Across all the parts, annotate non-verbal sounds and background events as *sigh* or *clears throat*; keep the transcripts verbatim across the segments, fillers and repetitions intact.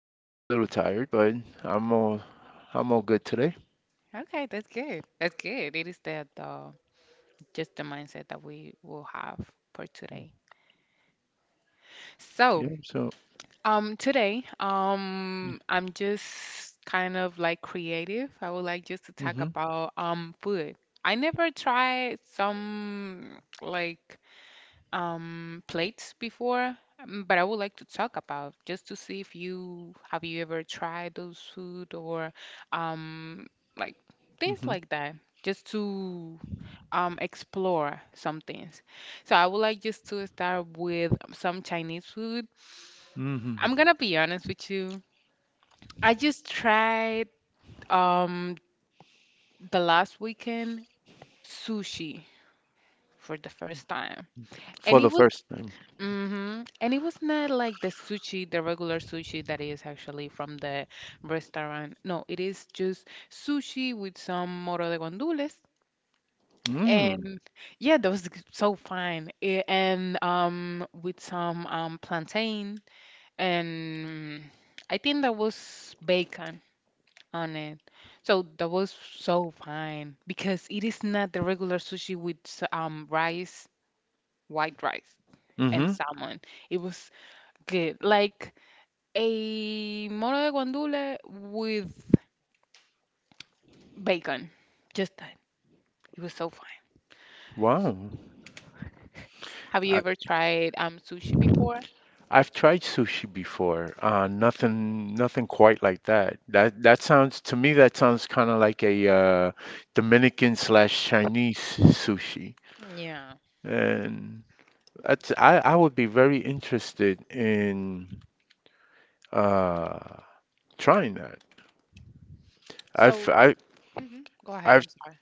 A little tired, but I'm all I'm all good today. Okay, that's good. That's good. It is that uh, just the mindset that we will have for today. So, Yeah. So. um, today, um, I'm just kind of like creative. I would like just to talk hmm about um food. I never tried some like um plates before, um, but I would like to talk about just to see if you have you ever tried those food or um like things hmm like that, just to um explore some things. So I would like just to start with some Chinese food. hmm I'm gonna be honest with you. I just tried um the last weekend sushi for the first time. For And it the was first time. Mm-hmm. And it was not like the sushi, the regular sushi that is actually from the restaurant. No, it is just sushi with some moro de gandules. Mm. And yeah, that was g- so fine. I- And um with some um plantain and I think that was bacon on it. So that was so fine because it is not the regular sushi with s- um rice, white rice and Mm-hmm. salmon. It was good. Like a moro de guandule with bacon. Just that. It was so fun. Wow. *laughs* Have I you ever tried um sushi before? I've tried sushi before. Uh, nothing nothing quite like that. That that sounds to me, that sounds kind of like a uh, Dominican slash Chinese sushi. Yeah. And that's, I I would be very interested in uh trying that. I've So I go ahead. I've I'm sorry.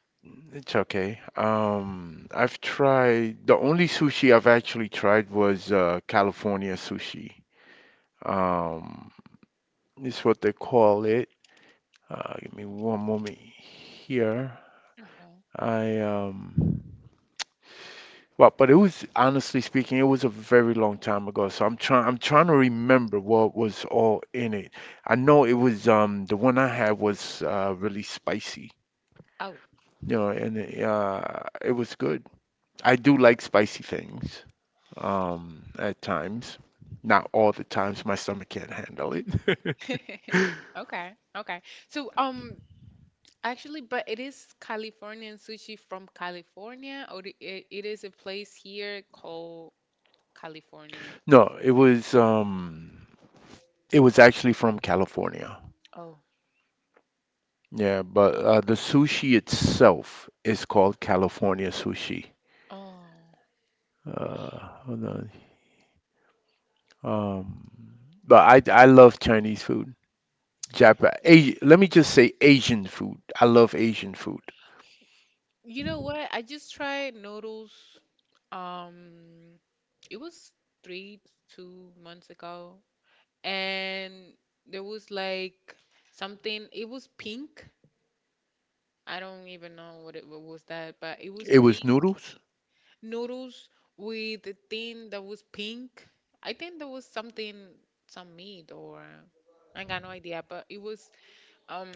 it's okay. Um, I've tried, the only sushi I've actually tried was uh, California sushi. Um, it's what they call it. Uh, give me one moment here. Okay. I um well, but it was, honestly speaking, it was a very long time ago. So I'm trying I'm trying to remember what was all in it. I know it was um the one I had was uh really spicy, Oh. you know, and uh it was good. I do like spicy things, um, at times. Not all the times, my stomach can't handle it. *laughs* *laughs* Okay. Okay. So um actually, but it is Californian sushi from California, or the- it, it is a place here called California. No, it was um, it was actually from California. Oh. Yeah, but You uh, the sushi itself is called California sushi. Oh. Uh, hold on. Um, but I I love Chinese food. Japan, Asi let me just say Asian food. I love Asian food. You know what? I just tried noodles. Um. it was three, two months ago, and there was like something, it was pink. I don't even know what it what was that, but it was It was pink noodles. noodles with a thing that was pink. I think there was something, some meat or I got no idea, but it was um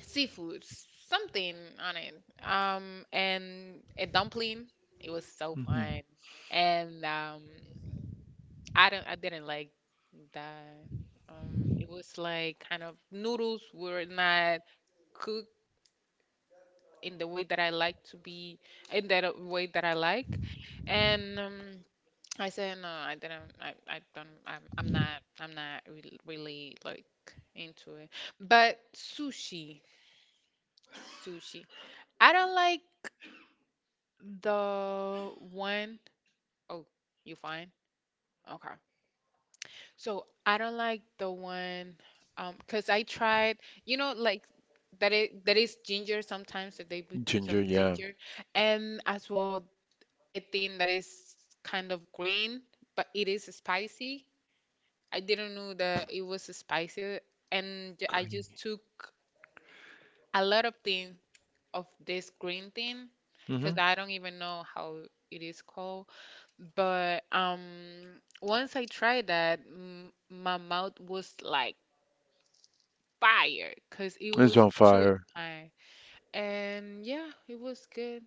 seafood, something on it. Um, and a dumpling. It was so Hmm fun. And um, I don't I didn't like that. Um, it was like kind of noodles were not cooked in the way that I like to be in that uh, way that I like. And um, I said no, I didn't I, I don't I'm I'm not I'm not re really like into it. But sushi, sushi. I don't like the one. Oh, you fine? Okay. So I don't like the one, um, cause I tried, you know, like that it that is ginger sometimes that they put Ginger, some yeah. ginger, and as well a thing that is kind of green, but it is spicy. I didn't know that it was spicy, and j- I Creamy. just took a lot of thing of this green thing, cause Hmm I don't even know how it is called. But um, once I tried that, m my mouth was like fired because it It's was on too fire. expired. And yeah, it was good.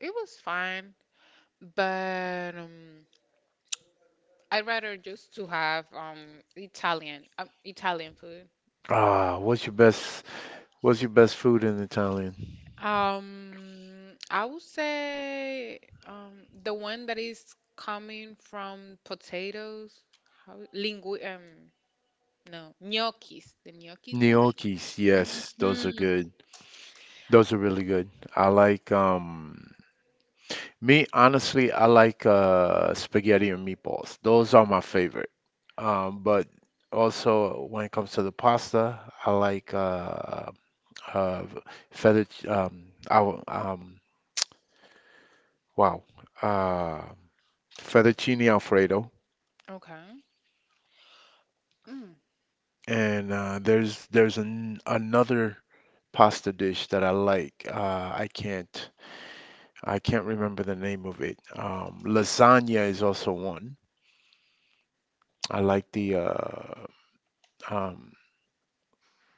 It was fine, but um, I'd rather just to have um Italian um, Italian food. Ah, what's your best what's your best food in Italian? Um, I would say um the one that is coming from potatoes, how lingui um no gnocchis, the gnocchis one. Gnocchis, yes, those are Hmm. good. Those are really good. I like um me, honestly, I like uh spaghetti and meatballs. Those are my favorite. Um, but also when it comes to the pasta, I like uh uh fettuc um I, w- um wow uh fettuccine alfredo. Okay. Mm. And uh, there's there's an, another pasta dish that I like. Uh, I can't I can't remember the name of it. Um, lasagna is also one. I like the uh, um,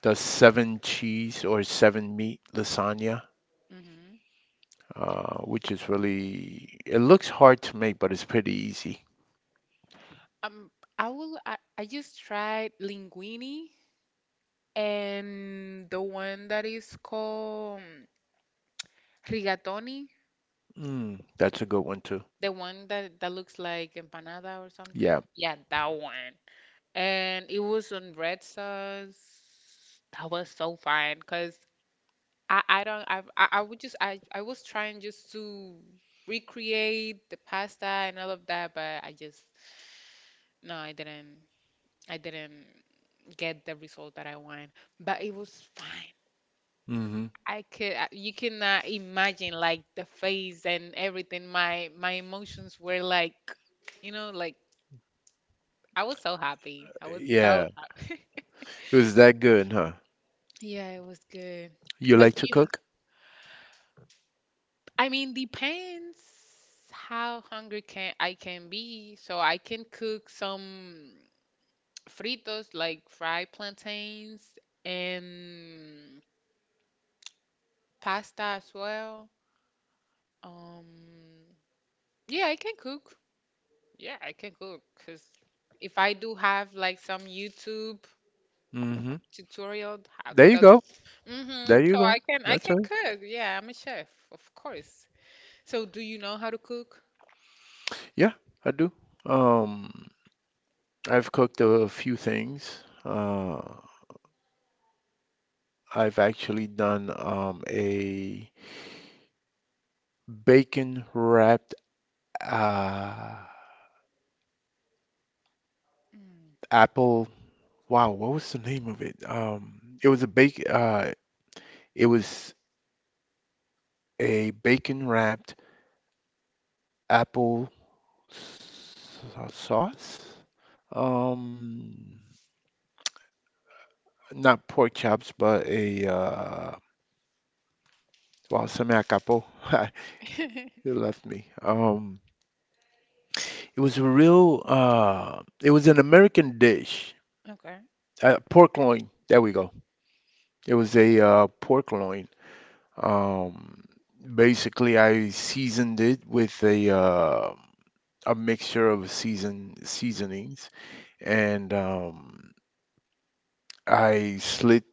the seven cheese or seven meat lasagna, Hmm. uh, which is really, it looks hard to make, but it's pretty easy. Um, I will. I, I just tried linguini and the one that is called rigatoni, Mm, that's a good one too. the one that that looks like empanada or something. Yeah. Yeah, that one. And it was on red sauce. That was so fine because I I don't I I I would just I I was trying just to recreate the pasta and all of that, but I just no, I didn't. I didn't get the result that I wanted, but it was fine. hmm I could, I- you cannot imagine like the face and everything. My my emotions were like, you know, like I was so happy. I was so Yeah. happy. *laughs* It was that good, huh? Yeah, it was good. You But like do to you, cook? I mean, depends how hungry can I can be. So I can cook some fritos like fried plantains and pasta as well. Um, yeah, I can cook. Yeah, I can cook because if I do have like some YouTube Hmm tutorial how There you that go. There mm-hmm, you so go. I can I That's can right. cook. Yeah, I'm a chef, of course. So do you know how to cook? Yeah, I do. Um, I've cooked a few things. Uh, I've actually done um, a bacon wrapped uh, Mm. apple. Wow, what was the name of it? Um, it was a bake. Uh, it was a bacon wrapped apple sa- sauce. Um, not pork chops, but a uh, wow, se me acabó. *laughs* *laughs* It left me. Um, It was a real, uh, it was an American dish. Okay. Uh, pork loin. There we go. It was a uh, pork loin. Um, basically, I seasoned it with a uh, a mixture of season seasonings, and um, I slit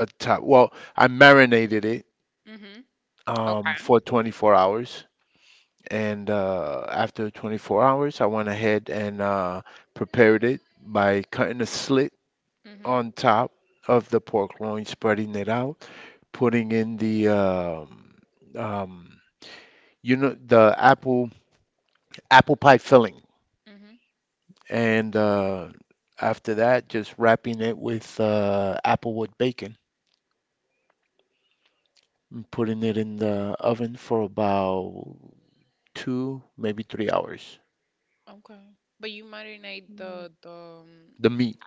a top. Well, I marinated it Mm-hmm. um, Okay. for twenty-four hours, and uh, after twenty-four hours, I went ahead and uh, prepared it by cutting a slit Mm-hmm. on top of the pork loin, spreading it out, putting in the um, um, you know, the apple apple pie filling, Mm-hmm. and uh, after that, just wrapping it with uh, applewood bacon and putting it in the oven for about two, maybe three hours. Okay. But you marinate the the um, The meat,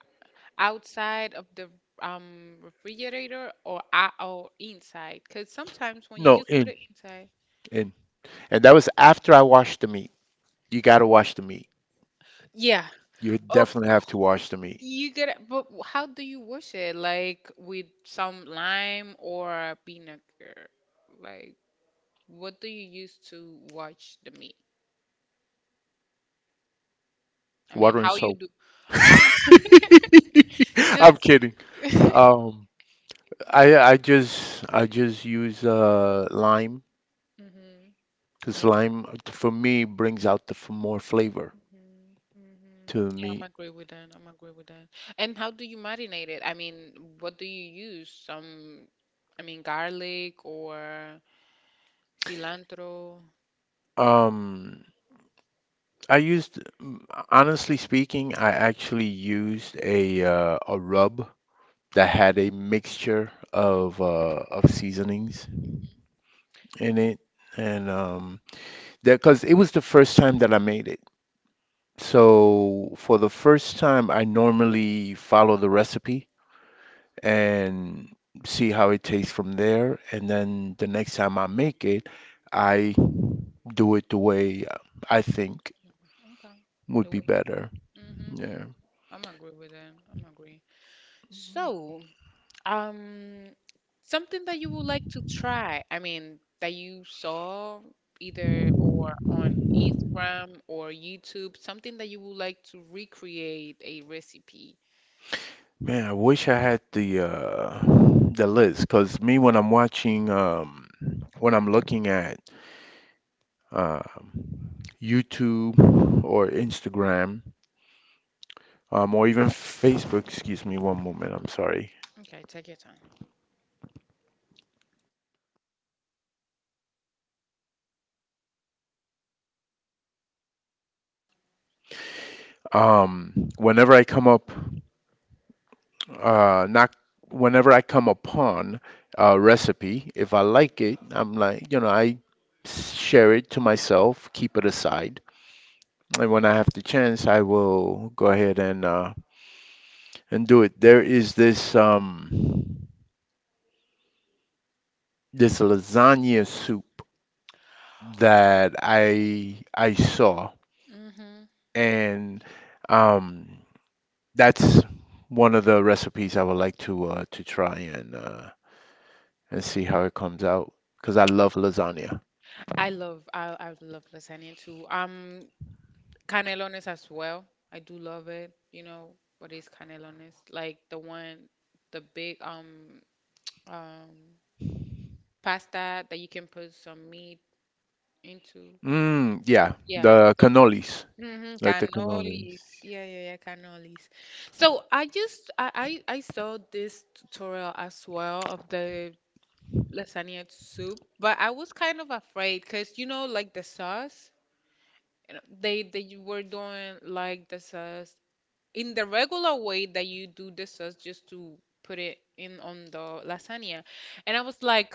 outside of the um refrigerator or out or inside? Because sometimes when you no, just put in it inside. in, and that was after I washed the meat. You gotta wash the meat. Yeah, You of definitely have to course, wash the meat. you get it, but w- how do you wash it? Like with some lime or vinegar? Like what do you use to wash the meat? I mean, Water and how you soap. do? *laughs* I, *laughs* just I'm kidding. *laughs* Um, I I just I just use uh lime hmm because lime. lime uh, t- for me brings out the f more flavor Hmm. Hmm. to the Yeah, I'm meat. agree with that. I'm agree with that. And how do you marinate it? I mean, what do you use? Some, I mean, garlic or cilantro. Um, I used mm, honestly speaking, I actually used a uh, a rub that had a mixture Mm. of uh, of seasonings Hmm. in it, Hmm. and um, that because it was the first time that I made it. So for the first time, I normally follow the recipe and see how it tastes from there. And then the next time I make it, I do it the way uh, I think Okay. would The be way you want. better. Mm-hmm. Yeah. I'm agree with that. I'm agree. So, um, something that you would like to try. I mean, that you saw either or on Instagram or YouTube, something that you would like to recreate a recipe. Man, I wish I had the uh the list, because me when I'm watching um when I'm looking at um YouTube or Instagram um or even Facebook, excuse me one moment, I'm sorry. Okay, take your time. Um, whenever I come up uh not whenever I come upon a recipe, if I like it, I'm like, you know, I share it to myself, keep it aside. And when I have the chance, I will go ahead and uh and do it. There is this um this lasagna soup that I I saw, Mm-hmm. and um that's one of the recipes I would like to uh to try and uh and see how it comes out, because I love lasagna. I love I I love lasagna too. Um, Canelones as well. I do love it. You know what is canelones? Like the one, the big um um pasta that you can put some meat into. Mm, yeah, Yeah, the the one. cannolis, Mm-hmm, like the cannolis. cannolis. Yeah, yeah, yeah, cannolis. So I just I, I I saw this tutorial as well of the lasagna soup, but I was kind of afraid because you know like the sauce, you know, they they were doing like the sauce in the regular way that you do the sauce just to put it in on the lasagna. And I was like,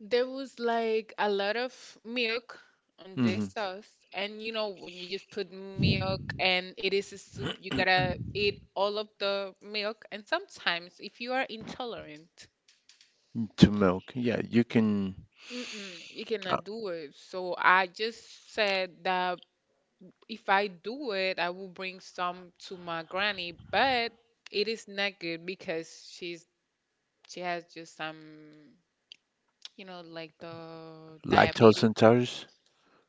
there was like a lot of milk on this Hmm sauce. And you know, when you just put milk and it is a soup, you gotta eat all of the milk. And sometimes, if you are intolerant, To milk. Yeah, you can mm-mm, you uh, cannot do it. So I just said that if I do it, I will bring some to my granny, but it is not good because she's she has just some, you know, like the lactose diabetes. intolerance.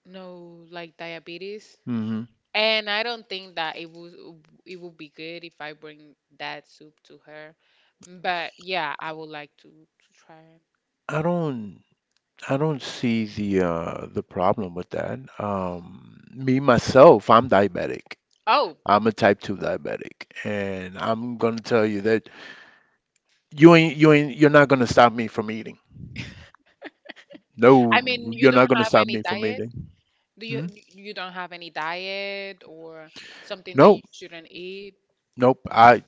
No, like diabetes. Hmm And I don't think that it would it would be good if I bring that soup to her. But yeah, I would like to to try it. I don't I don't see the uh the problem with that. Um, me myself, I'm diabetic. Oh, I'm a type two diabetic and I'm gonna tell you that you ain't you ain't you're not gonna stop me from eating. No, I mean, you you're don't not gonna have stop any me from diet? eating. Do you Hmm? you don't have any diet or something that you No, shouldn't eat? nope. I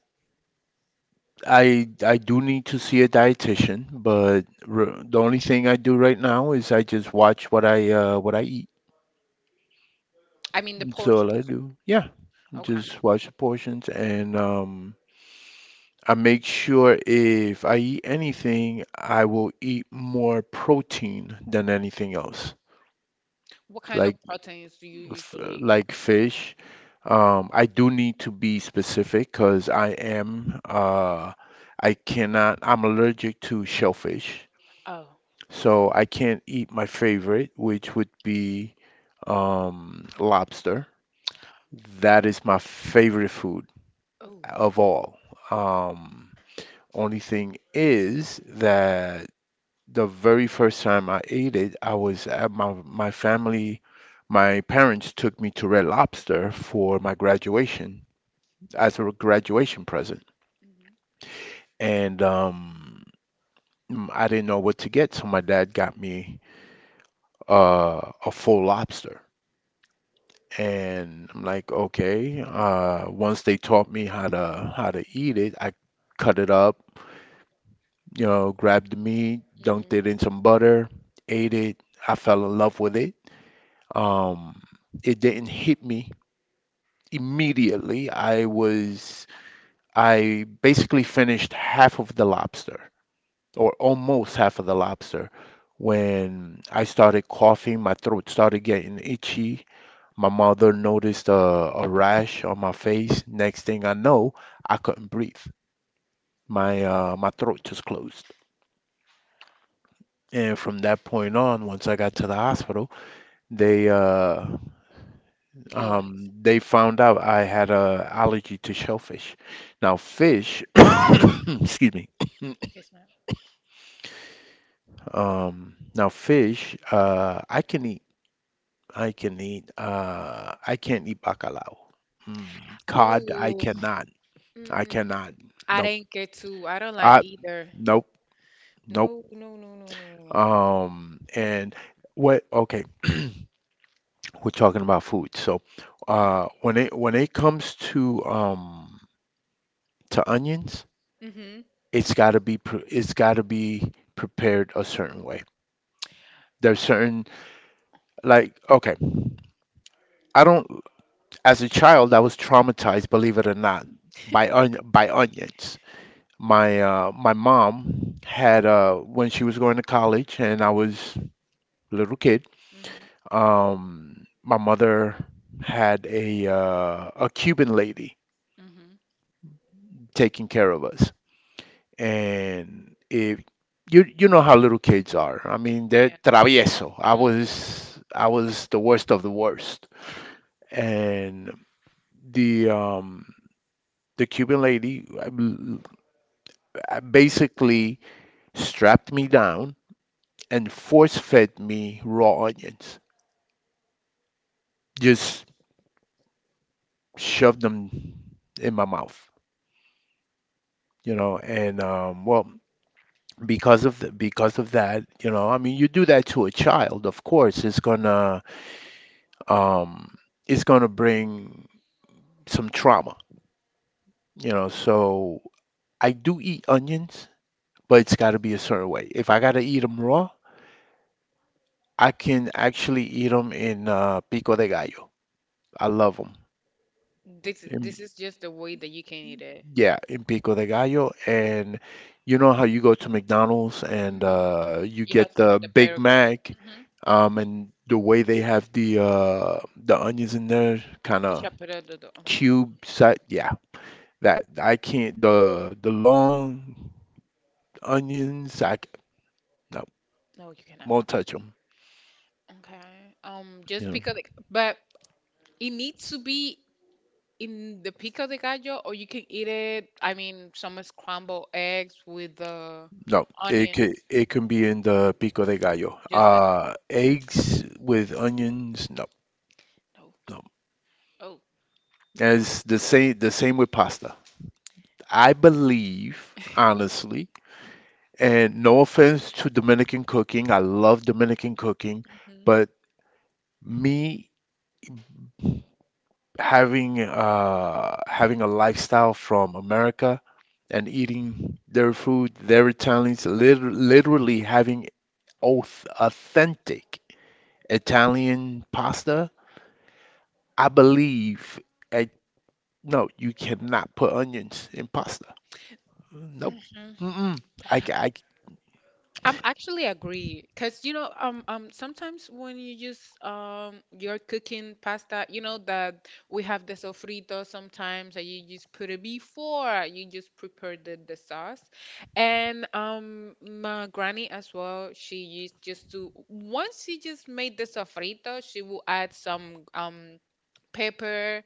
I I do need to see a dietitian, but r the only thing I do right now is I just watch what I uh what I eat. I mean, the That's all I portions. do. Yeah, Okay. just watch the portions and um I make sure if I eat anything, I will eat more protein than anything else. What kind of Like proteins do you f- usually like consume? fish. Um, I do need to be specific because I am uh I cannot. I'm allergic to shellfish. Oh. So I can't eat my favorite, which would be, um, lobster. That is my favorite food Oh. of all. Um, only thing is that the very first time I ate it, I was at my my family, my parents took me to Red Lobster Mm-hmm. for my graduation as a graduation present, and um, I didn't know what to get, so my dad got me uh, a full lobster and I'm like, okay. Uh, once they taught me how to how to eat it, I cut it up, you know, grabbed the meat, dunked it Mm-hmm. in some butter, ate it. I fell in love with it. Um, it didn't hit me immediately. I was I basically finished half of the lobster, or almost half of the lobster. When I started coughing, my throat started getting itchy. My mother noticed a, a rash on my face. Next thing I know, I couldn't breathe. My uh, my throat just closed. And from that point on, once I got to the hospital, they uh, Realize. um, they found out I had a allergy to shellfish. Now fish, *coughs* excuse me. It is not. Um, now fish, uh, I can eat. I can eat. Uh, I can't eat bacalao. Mm, cod, I Oh. cannot. I Mm-mm. cannot. I Nope. didn't get to. I don't I like either. nope. Nope. No, no, no, no, no, no, Um, no. and what, okay, *clears throat* we're talking about food. So, uh, when it when it comes to um to onions, Mm. Hmm. it's got to be pre- it's got to be prepared a certain way. There's certain, like, okay, I don't as a child I was traumatized, believe it or not, by on, by onions. My uh my mom had uh when she was going to college and I was a little kid. Mm-hmm. Um, my mother had a uh, a Cuban lady Mm-hmm. taking care of us, and if you you know how little kids are, I mean they're Yeah. travieso. I hmm. was I was the worst of the worst, and the um the Cuban lady uh, basically strapped me down and force fed me raw onions, just shoved them in my mouth, you know. And um, well, because of the, because of that, you know, I mean, you do that to a child, of course, it's gonna um, it's gonna bring some trauma, you know. So I do eat onions, but it's got to be a certain way. If I gotta eat them raw, I can actually eat them in uh, pico de gallo. I love them. This In, this is just the way that you can eat it. yeah, in pico de gallo, and you know how you go to McDonald's and Hmm. uh, you You have get the the Big burger, Mac. hmm, Um, and the way they have the uh the onions in there, kind the of shepherd, the, the, mhm. cube set, yeah. That I can't, the the long onions, I c- no, No, you cannot. won't touch them. Okay. Um, just Yeah. because, like, but it needs to be in the pico de gallo, or you can eat it. I mean, some scrambled eggs with the No, it onion, could it can be in the pico de gallo. just that. Uh, eggs with onions, no, Oh, no. oh. And it's the same the same with pasta. I believe, honestly, and no offense to Dominican cooking, I love Dominican cooking, Hmm. but me having uh, having a lifestyle from America and eating their food, their Italians, liter literally having auth authentic Italian pasta. I believe, I, no, you cannot put onions in pasta. Nope. Mm-mm. I, ca- I, I'm actually agree because you know um um sometimes when you use um you're cooking pasta, you know that we have the sofrito sometimes that you just put it before you just prepare the, the sauce and um my granny as well she used just to once she just made the sofrito she will add some um pepper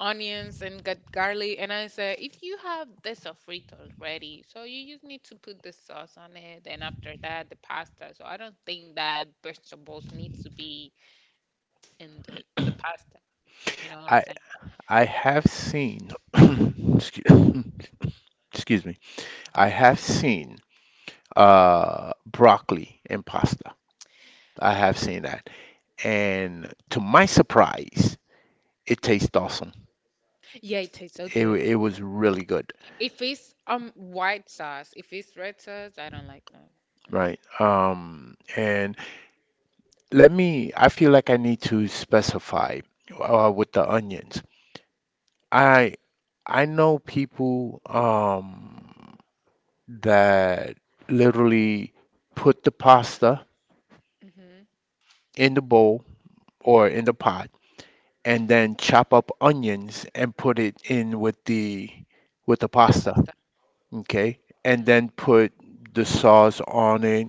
onions and got garlic. And I said, if you have the sofrito ready, so you just need to put the sauce on it. And after that, the pasta. So I don't think that vegetables need to be in the, the pasta. You know what I'm I, saying? I have seen, *coughs* excuse, *coughs* excuse me, I have seen uh, broccoli in pasta. I have seen that. And to my surprise, it tastes awesome. Yeah, it tastes so It wa- good. it was really good, If it's um white sauce, if it's red sauce, I don't like that. right? Um, and let me, I feel like I need to specify uh, with the onions. I I know people um that literally put the pasta Hmm. in the bowl or in the pot, and then chop up onions and put it in with the with the With the pasta, pasta. okay, and Mm-hmm. then put the sauce on it,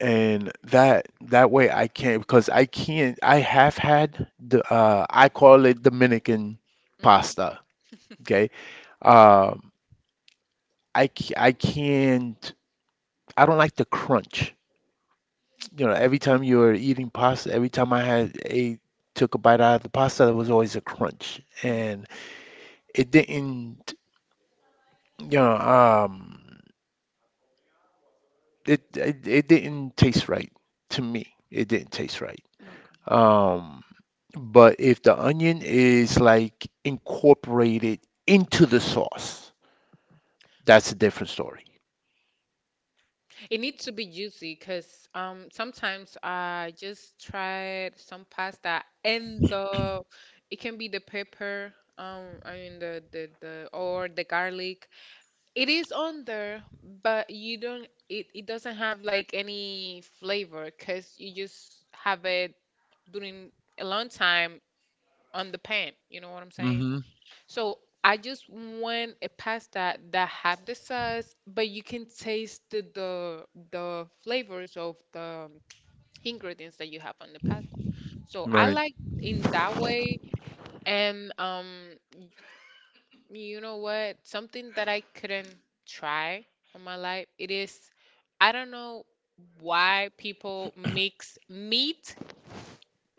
and that that way I can't, because I can't. I have had the uh, I call it Dominican Mm-hmm. pasta, okay. Um, I c- I can't. I don't like the crunch. You know, every time you were eating pasta, every time I had a took a bite out of the pasta, there was always a crunch, and it didn't. You know, um, it it, it didn't taste right to me. It didn't taste right. Mm. Okay. Um, but if the onion is like incorporated into the sauce, that's a different story. It needs to be juicy because um sometimes I just tried some pasta and the it can be the pepper um I mean the the the or the garlic. It is on there, but you don't it it doesn't have like any flavor because you just have it during a long time on the pan. You know what I'm saying? Hmm. So I just want a pasta that have the sauce, but you can taste the the, the flavors of the ingredients that you have on the pasta. So I Right. like in that way, and um, you know what? Something that I couldn't try in my life, it is, I don't know why people mix meat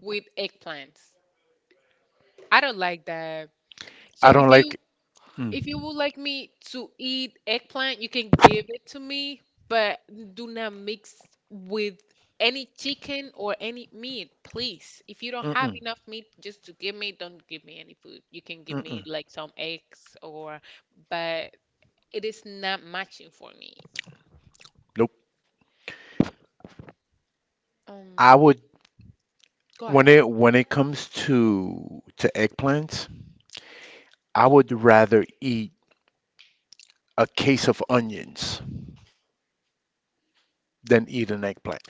with eggplants. I don't like that. So I if don't you like. If you Mm, would like me to eat eggplant, you can give it to me, but do not mix with any chicken or any meat, please. If you don't have mm-mm, enough meat just to give me, don't give me any food. You can give me mm-mm. like some eggs or, but it is not matching for me. Nope. Um, I would. go when ahead. It when it comes to to eggplants, I would rather eat a case of onions than eat an eggplant.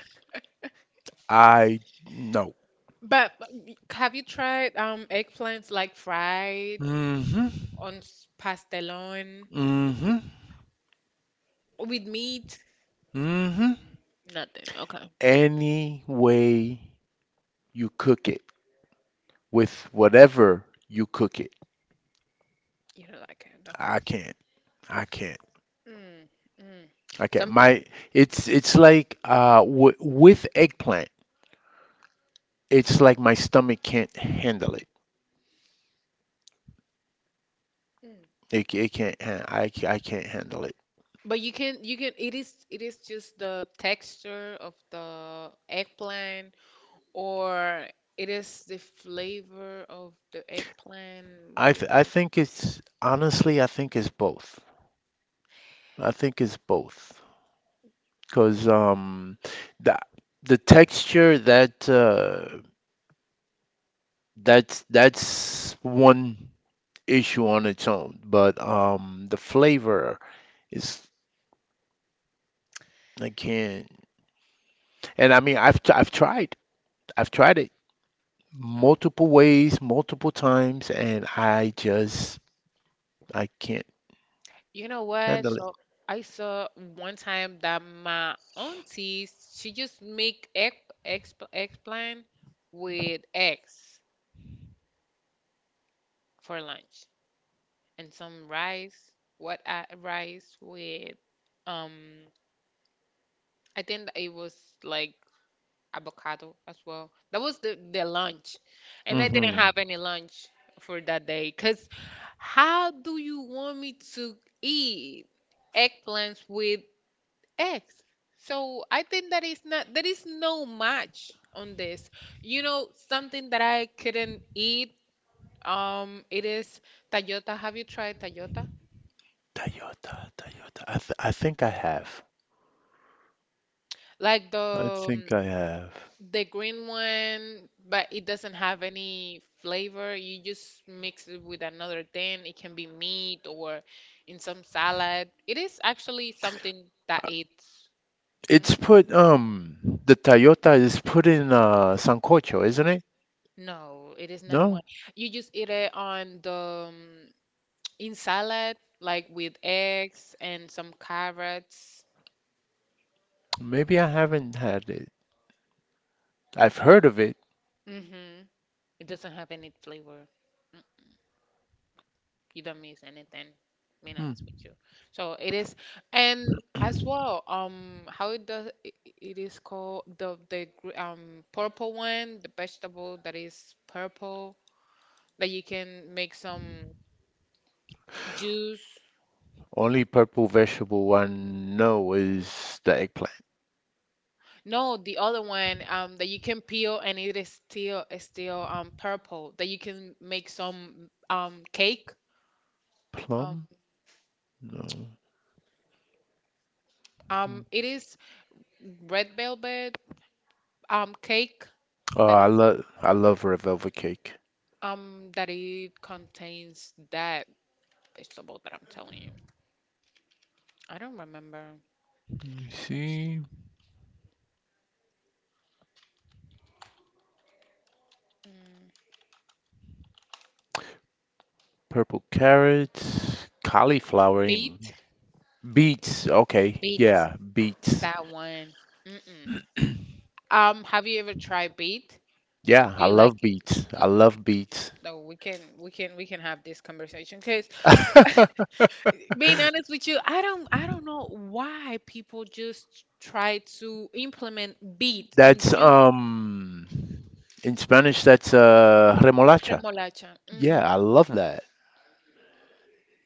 I, no. But but y- have you tried um eggplants like fried Hmm. on s- pastelón Hmm. with meat? Hmm. Nothing. Okay. Any way you cook it, with whatever you cook it. You don't like it. Okay. I can't. I can't. Mm, mm. I can't. Some, My, it's it's like uh w- with eggplant. It's like my stomach can't handle it. mm. It, it can't. han- I ca- I can't handle it. But you can you can it is it is just the texture of the eggplant or it is the flavor of the eggplant. What I is th- I think actually? it's honestly, I think it's both. I think it's both. Cause um the the texture that uh that's that's one issue on its own, but um the flavor is, I can't. And I mean, I've I've tried. I've tried it uh, multiple ways, multiple times, and I just, I can't You know what? handle it. So I saw one time that my auntie she just make egg egg, eggplant with eggs for lunch and some rice. What I, rice with um I think it was like avocado as well. That was the, the lunch. And I didn't Hmm. have any lunch for that day. Because how do you want me to eat eggplants with eggs? So I think that is not, there is no match on this. You know, something that I couldn't eat, um, it is Tayota. Have you tried Tayota? Toyota, Toyota. I th I think I have. Like I the think um, I have. the green one, but it doesn't have any flavor. You just mix it with another thing. It can be meat or in some salad. It is actually something that it's. It's Mhm. put, um the Toyota is put in uh sancocho, isn't it? No, it is not No, one. You just eat it on the um, in salad, like with eggs and some carrots. maybe I haven't had it. I've heard of it. Hmm. It doesn't have any flavor. You don't miss anything, being Hmm. honest with you. So it is, and as well, um how it does it, it is called the the gr- um purple one, the vegetable that is purple, that you can make some juice. Only purple vegetable I know is the eggplant. No, the other one, um that you can peel and it is still is still um purple, that you can make some um cake. um Plum? No. um it is red velvet um cake. Oh, That I is. love I love red velvet cake. Um, that it contains that vegetable that I'm telling you. I don't remember. Let me It's. see. Mm. Purple carrots, cauliflower, in- Beet, beets. Okay, beet, yeah, beets. that one. Mm-mm. Um, have you ever tried beet? Yeah, Do I you like love it? beets. I Mm-mm. love beets. No, we can we can we can have this conversation because *laughs* *laughs* being honest with you, I don't I don't know why people just try to implement beet in That's, juice. um in Spanish that's uh remolacha. Remolacha. Yeah, I love that.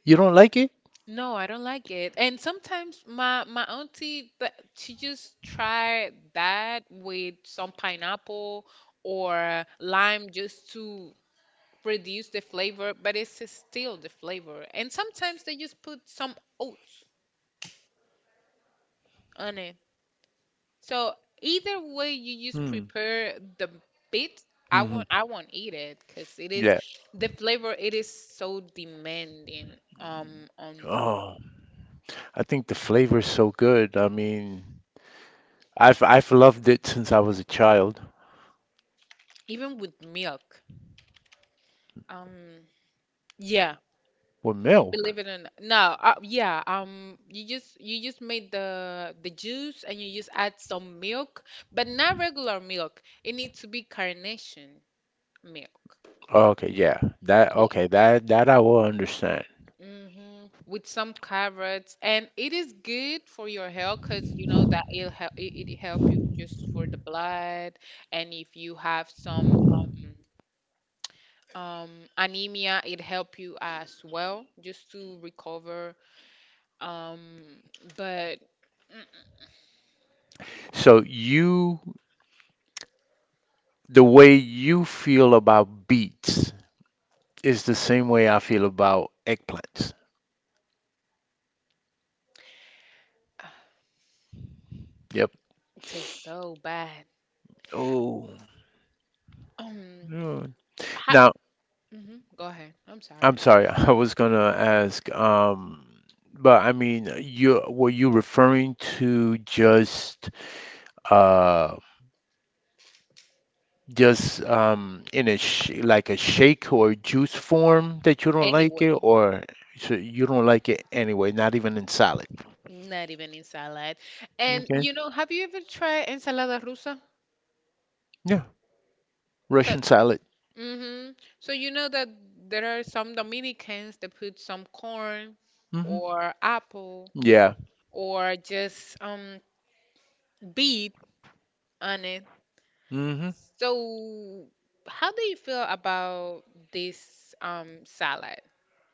You don't like it? No, I don't like it. And sometimes my my auntie that she just try that with some pineapple or lime just to reduce the flavor, but it's still the flavor. And sometimes they just put some oats on it. So either way you just Hmm. prepare the bit, I Hmm. won't Hmm. I won't eat it because it is Yeah. the flavor, it is so demanding um on the, Oh, I think the flavor is so good. I mean, I've I've loved it since I was a child, even with milk. Um, yeah, with milk. Believe it or not. No, uh, yeah, um, you just you just made the the juice and you just add some milk, but not regular milk. It needs to be carnation milk. Okay, yeah. That, Yeah. okay, that that I will understand. Hmm. With some carrots, and it is good for your health because you know that it'll help it, it help you just for the blood, and if you have some um um anemia, it help you as well just to recover. Um, but. So you, the way you feel about beets is the same way I feel about eggplants. Yep. Tastes so bad. Oh, Um, yeah. how, Now, hmm, go ahead. I'm sorry. I'm sorry. *laughs* I was gonna ask, um, but I mean, you were you referring to just, uh just um in a sh like a shake or juice form that you don't like it, Anyway, or so you don't like it anyway, not even in salad? not even in salad. And Okay. you know, have you ever tried ensalada rusa? Yeah, So, Russian salad. hmm, so you know that there are some Dominicans that put some corn Hmm. or apple Yeah. or just um beet on it. Hmm. So, how do you feel about this um salad?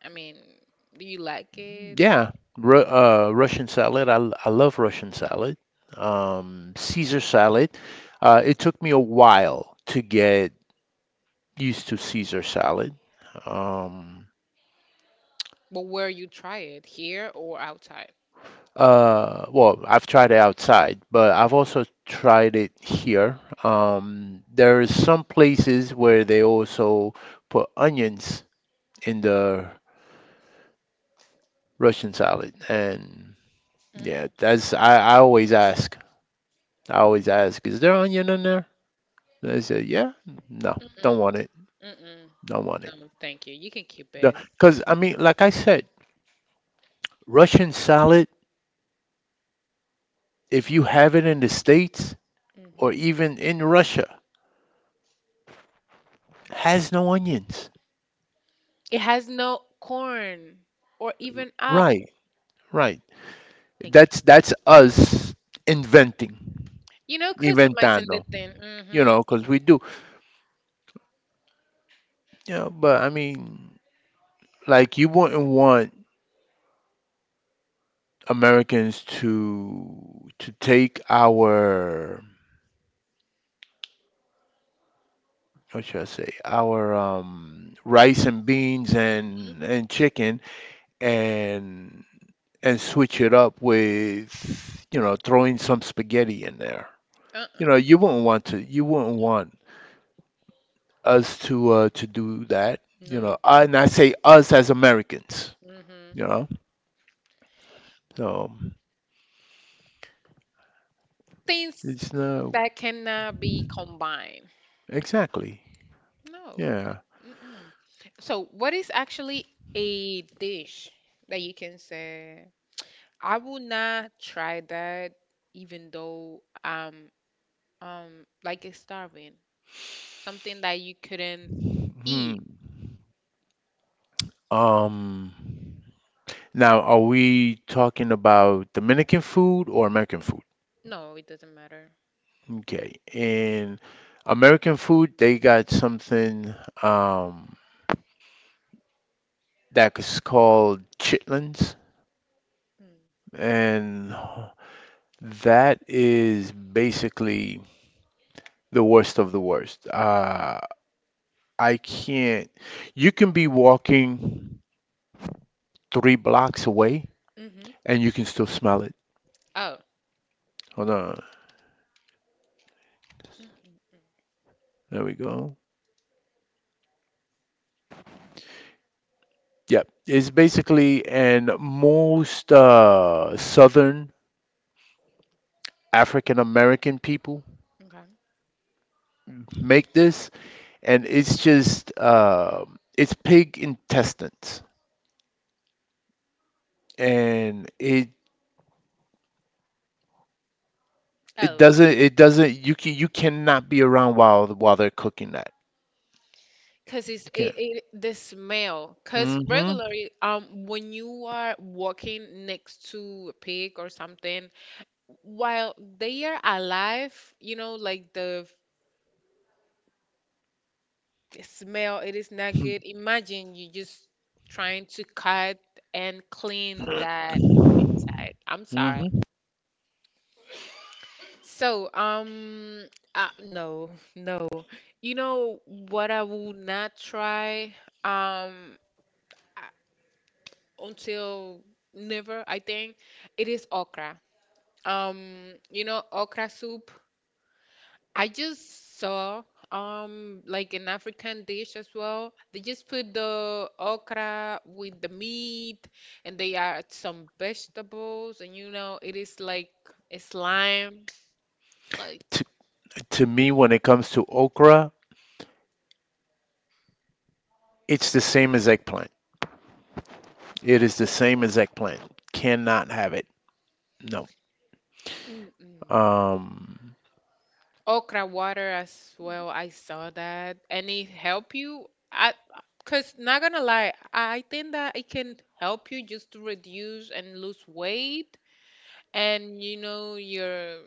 I mean, do you like it? Yeah, Ru uh, Russian salad. I, l- I love Russian salad. Um, Caesar salad. Uh, it took me a while to get used to Caesar salad. Um, But where you try it, here or outside? uh, well, I've tried it outside, but I've also tried it here. Um, there is some places where they also put onions in the Russian salad, and Mm-mm, yeah, that's, I, I always ask. I always ask, is there onion in there? They said, yeah, no, mm-mm, don't want it, mm-mm. don't want No, thank you. You can keep it. it. Because, I mean, like I said, Russian salad, if you have it in the States or Hmm. even in Russia, has no onions. It has no corn or even Right, apple. right. Thank That's you. that's us inventing, You know, customizing the inventando, thing. you Mm-hmm, know, because we do. Yeah, but I mean, like you wouldn't want Americans to to take our, what should I say, our, um, rice and beans mm-hmm. and and chicken and and switch it up with, you know, throwing some spaghetti in there. You know, Uh-uh. you wouldn't want to you wouldn't want us to uh, to do that. You know, No. and I say us as Americans. Mm-hmm. You know, so Things it's no, that cannot be combined. exactly, No. C-. yeah. Mm-mm. So, what is actually a dish that you can say I will not try that, even though I'm um like it's starving. Something that you couldn't Hmm. eat. Um. Now, are we talking about Dominican food or American food? No, it doesn't matter. Okay, in American food, they got something. Um, that is called chitlins, Mm. and that is basically the worst of the worst. Uh, I can't. You can be walking three blocks away, Mm-hmm. and you can still smell it. Oh. Hold on. Mm-mm-mm. There we go. Yep, it's basically, and most uh, Southern African American people Okay. make this, and it's just uh, it's pig intestines, and it. It Oh. doesn't. It doesn't. You can. You cannot be around while while they're cooking that. Cause it's You it, can't. it the smell. Cause Mm-hmm. regularly, um, when you are walking next to a pig or something, while they are alive, you know, like the the smell, it is not good. Imagine you just trying to cut and clean that inside. I'm sorry. Mm-hmm. So um uh, no, no. You know what I will not try um uh, until never, I think, it is okra. Um you know, okra soup, I just saw um like an African dish as well. They just put the okra with the meat and they add some vegetables and you know it is like a slime like. To, to me, when it comes to okra, it's the same as eggplant. It is the same as eggplant. Cannot have it. No. Mm-mm. Um. Okra water as well. I saw that and it help you. I, because not gonna lie, I think that it can help you just to reduce and lose weight, and you know your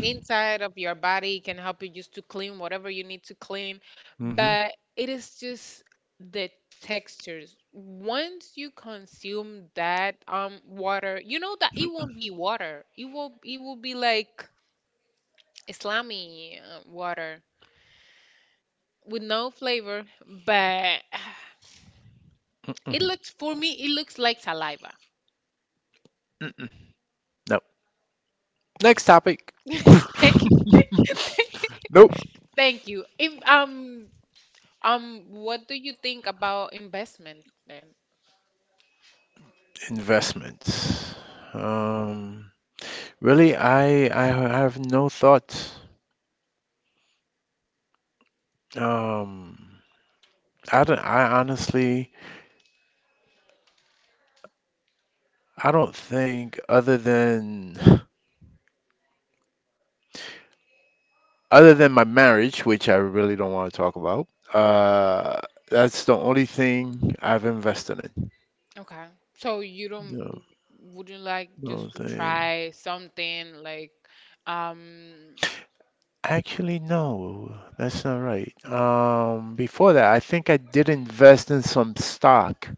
inside of your body, it can help you just to clean whatever you need to clean, Mm-hmm. but it is just the textures. Once you consume that um water, you know that it won't be water, it will it will be like islami, uh, water with no flavor, but *sighs* it Mm-mm. looks for me, it looks like saliva. Mm-mm. No. Next topic. *laughs* Thank you. *laughs* Nope. Thank you. Im- um um what do you think about investment then? Investments. Um. Really, I I have no thoughts. Um. I don't. I honestly. I don't think other than other than my marriage, which I really don't want to talk about. uh that's the only thing I've invested in. Okay. So you No, don't wouldn't like no just to thing. try something like um Actually, no, that's not right. Um, before that, I think I did invest in some stock,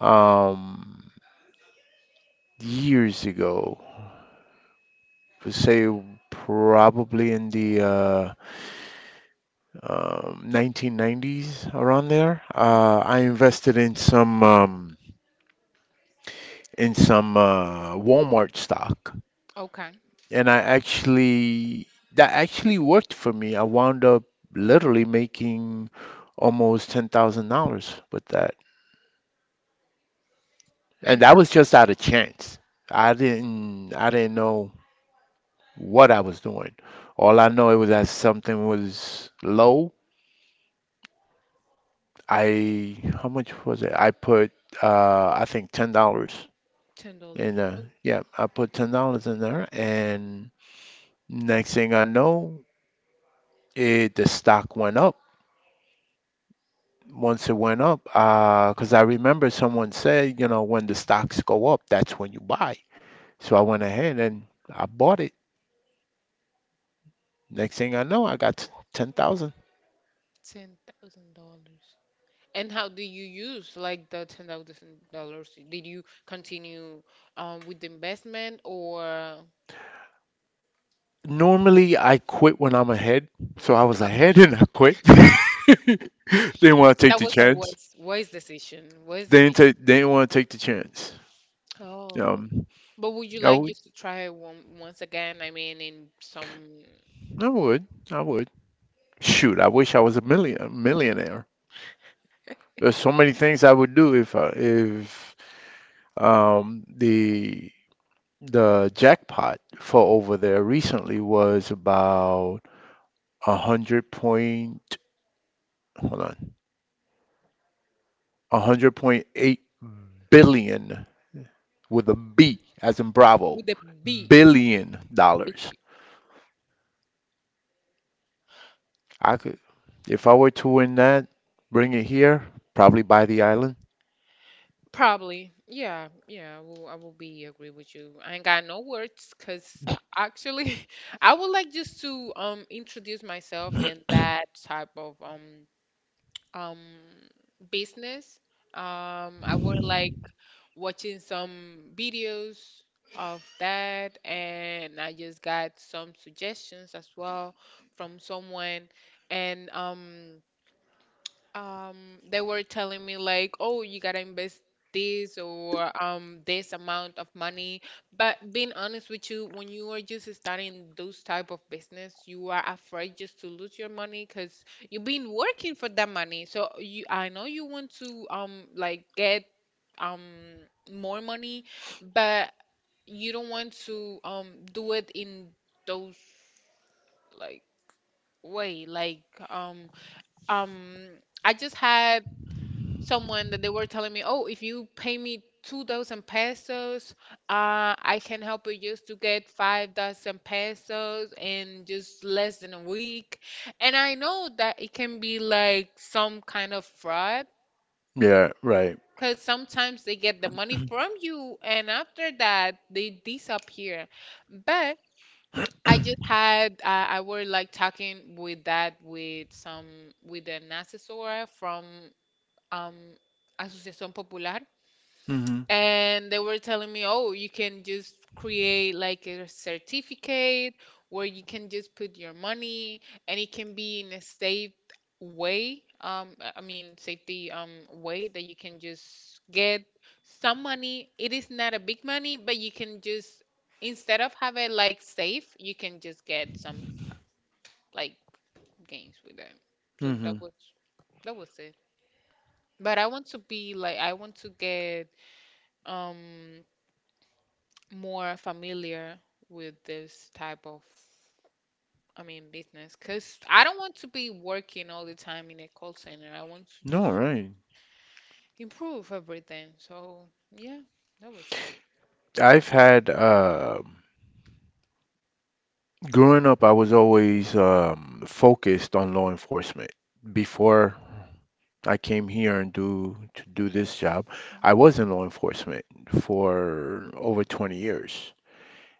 um years ago. For say probably in the uh, um, nineteen nineties around there. Uh, I invested in some um in some uh, Walmart stock, okay. and I actually, that actually worked for me. I wound up literally making almost ten thousand dollars with that, and And that how, was just out of chance. I didn't I didn't know what I was doing. All I know it was that something was low. I, how much was it? I put uh, I think ten dollars ten in. dollars. Uh, Oh, yeah, I put ten dollars in there, and next thing I know, it the stock went up. Once it went up, because I remember someone said, you know, when the stocks go up, that's when you buy. So I went ahead and I bought it. Next thing I know, I got ten thousand. ten thousand dollars. And how do you use like the ten thousand dollars? Did you continue um with the investment or uh, Normally, I quit when I'm ahead, so I was ahead *laughs* and I quit. *laughs* Didn't want to take that the was a chance. wise wise decision. Wise Didn't decision. take. Didn't want to take the chance. Oh, Um, but would you I like would. just to try one once again? I mean, in some. I would. I would. Shoot, I wish I was a million millionaire. There's so many things I would do if I, if Um, the the jackpot for over there recently was about a hundred point, hold on, a hundred point eight billion, with a B as in Bravo, With the B, billion dollars. I could, if I were to win that, bring it here, probably buy the island. probably. Yeah, yeah, I will I will be agree with you. I ain't got no words because actually *laughs* I would like just to um introduce myself in that type of um um business. Um, I would like watching some videos of that, and I just got some suggestions as well from someone, and um um they were telling me like, oh, you gotta invest this or um this amount of money. But being honest with you, when you are just starting those type of business, you are afraid just to lose your money because you've been working for that money. So you, I know you want to um like get um more money, but you don't want to um do it in those like way like um um I just had someone that they were telling me, "Oh, if you pay me two thousand pesos, uh, I can help you just to get five thousand pesos in just less than a week." And I know that it can be like some kind of fraud Yeah, right. because sometimes they get the money from you, and after that they disappear. But I just had uh, I were like talking with that with some with an assessor from um Asociación Popular, Mm-hmm. and they were telling me, oh, you can just create like a certificate where you can just put your money and it can be in a safe way. Um, I I mean, safety um way that you can just get some money. It is not a big money, but you can just, instead of have it like safe, you can just get some like gains with it. So that Mm-hmm. was that was it. But I want to be like, I want to get um more familiar with this type of, I mean, business. Because I don't want to be working all the time in a call center. I want to No, just right. improve everything. So, yeah, that was it. I've had uh, Growing up, I was always um, focused on law enforcement. Before I came here and do to do this job, I Mhm. was in law enforcement for over twenty years,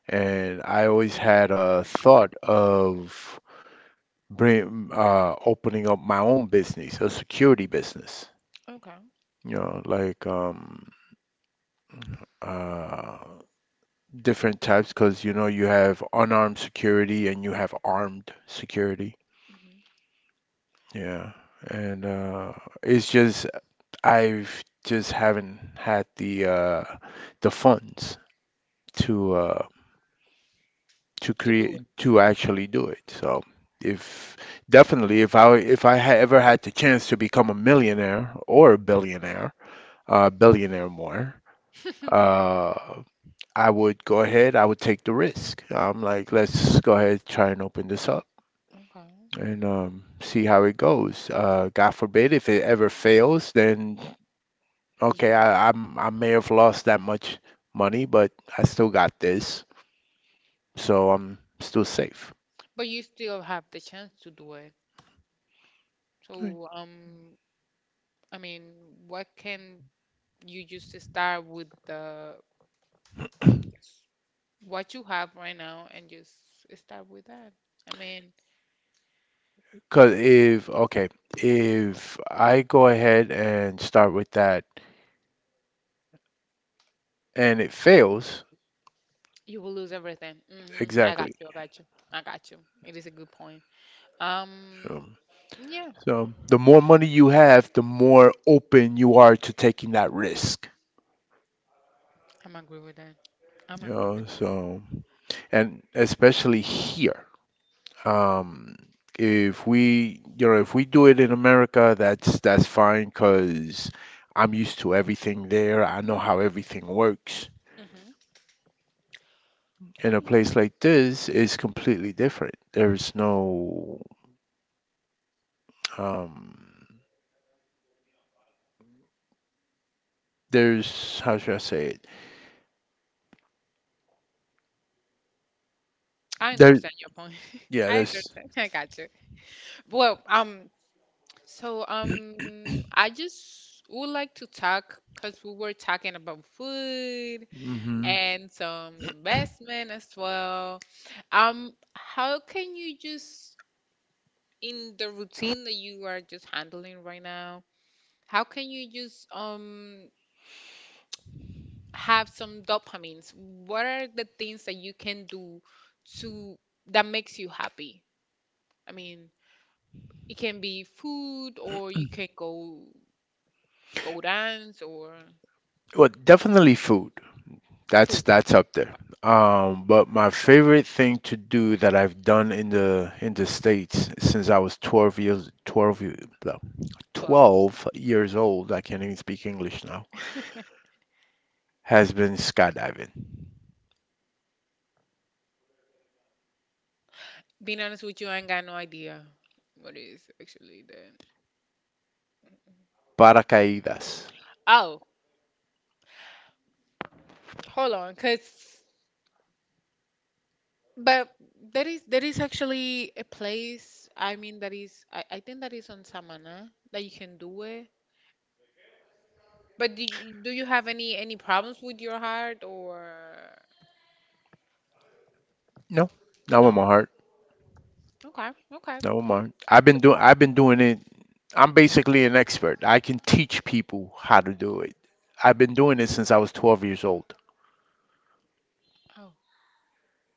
and I always had a thought of bring, uh, opening up my own business, a security business. Okay. You know, like um, uh, different types, because you know you have unarmed security and you have armed security. Hmm. Yeah, and uh, it's just, I've just haven't had the uh, the funds to uh, to To do create it. to Mhm. actually do it. So if definitely, if I if I ha ever had the chance to become a millionaire or a billionaire, uh, billionaire more. *laughs* Uh, I would go ahead. I would take the risk. I'm like, let's go ahead, try and open this up Okay. and, um, see how it goes. Uh, God forbid if it ever fails, then, You okay, can move I, on. I'm I may have lost that much money, but I still got this, so I'm still safe. But you still have the chance to do it. Right. So, um, I mean, what can you just start with the what you have right now and just start with that? I mean, 'Cause if, okay, if I go ahead and start with that and it fails, you will lose everything. Hmm. I got exactly. you. I got you. I got you. It is a good point. Um, Um, yeah, so the more money you have, the more open you are to taking that risk. I'm agree with that. I'm You agree know, with that. so and especially here. Um, if we, you know, if we do it in America, that's that's fine because I'm used to everything there. I know how everything works. Hmm. I In a mean, place like this, it's completely different. There's no, um, there's, how should I say it? I There, understand your point. *laughs* yeah, I there's. understand. I got you. Well, um, so um, I just would like to talk because we were talking about food Hmm. and some investment as well. Um, how can you just, in the routine that you are just handling right now, how can you just um have some dopamines? What are the things that you can do to that makes you happy? I mean, it can be food or you can go go dance or Well, definitely food. food. That's that's up there. Um, but my favorite thing to do that I've done in the in the States since I was twelve years, twelve ye- blah, twelve. twelve years old, I can't Mhm. even speak English now, has been skydiving. Being honest with you, I ain't got no idea what is actually the. Paracaídas. Oh, hold on, cause but there is there is actually a place. I mean, that is, I, I think that is on Samana that you can do it. But do you, do you have any any problems with your heart or No, not with no? my heart. Okay, okay. Not with my heart. I've So, been doing I've been doing it. I'm basically an expert. I can teach people how to do it. I've been doing it since I was twelve years old. oh,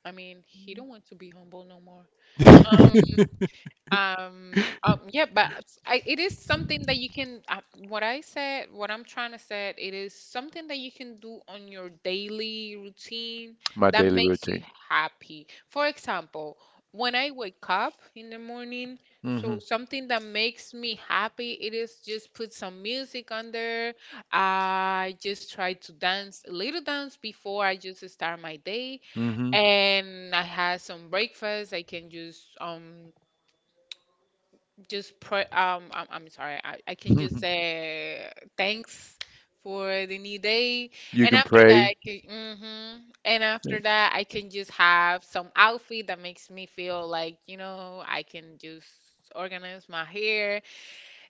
I mean, he don't want to be humble no more. *laughs* Um, um, yeah, but s- I, it is something that you can, uh, what I said, what I'm trying to say, it is something that you can do on your daily routine My that daily makes routine. you happy. For example, when I wake up in the morning, Hmm. so something that makes me happy, it is just put some music on there. I just try to dance a little dance before I just start my day and I had some breakfast. I can just um just pro um I'm, I'm sorry I, I can just Hmm. *laughs* say thanks for the new day. You And can after pray. that I can, hmm and after that I can just have some outfit that makes me feel like, you know, I can just organize my hair.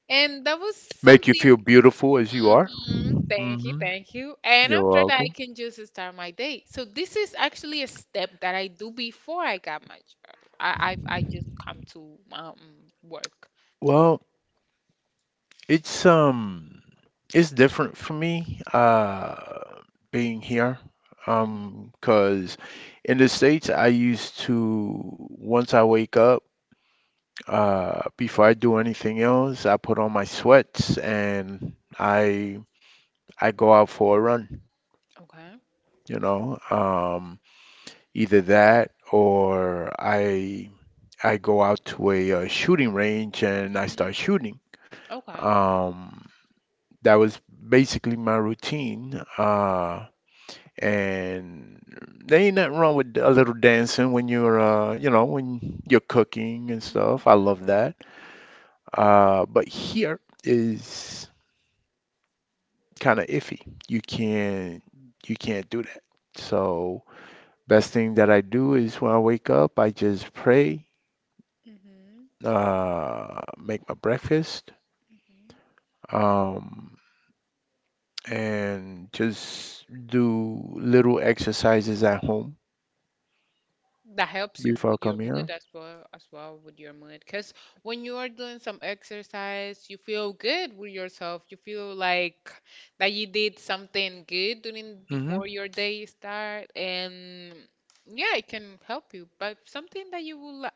And that was Make you something. feel beautiful as you are. Hmm, thank you, Hmm. thank you. And You're after that I welcome. can just start my day. So this is actually a step that I do before I got my job. I I, I just come to um work. Well, it's um, it's different for me, uh being here, Mm-hmm. um, 'cause in the States I used to, once I wake up, uh before I do anything else, I put on my sweats and I I go out for a run. Okay. You know, um, either that or I I go out to a, uh shooting range and I start Hmm. shooting. Okay. Um, that was basically my routine. Uh, and there ain't nothing wrong with a little dancing when you're uh, you Mm-hmm. know, when you're cooking and stuff. I love that. Uh, but here is kind of iffy. You can't you can't do that. So best thing that I do is when I wake up, I just pray, Mm-hmm. uh, make my breakfast, Hmm. um, and just do little exercises at home That helps you before I with your come here. mood as well, as well with your mood. Because when you are doing some exercise, you feel good with yourself. You feel like that you did something good during Hmm. before your day start, and yeah, it can help you. But something that you would like,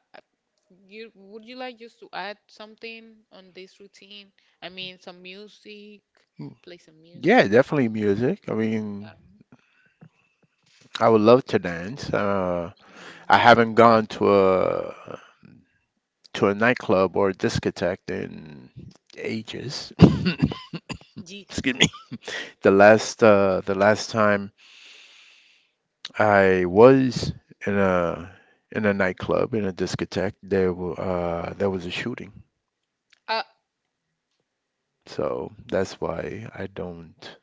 you would you like just to add something on this routine? I mean, some music, play some Yeah, music. definitely music. I mean, I would love to dance. Uh, Mhm. I haven't gone to a to a nightclub or a discotheque in ages. *laughs* *coughs* Excuse Jesus. me. The Yeah. last uh, the last time. I was in a in a nightclub in a discotheque. There were uh, there was a shooting, Uh, so that's why I don't.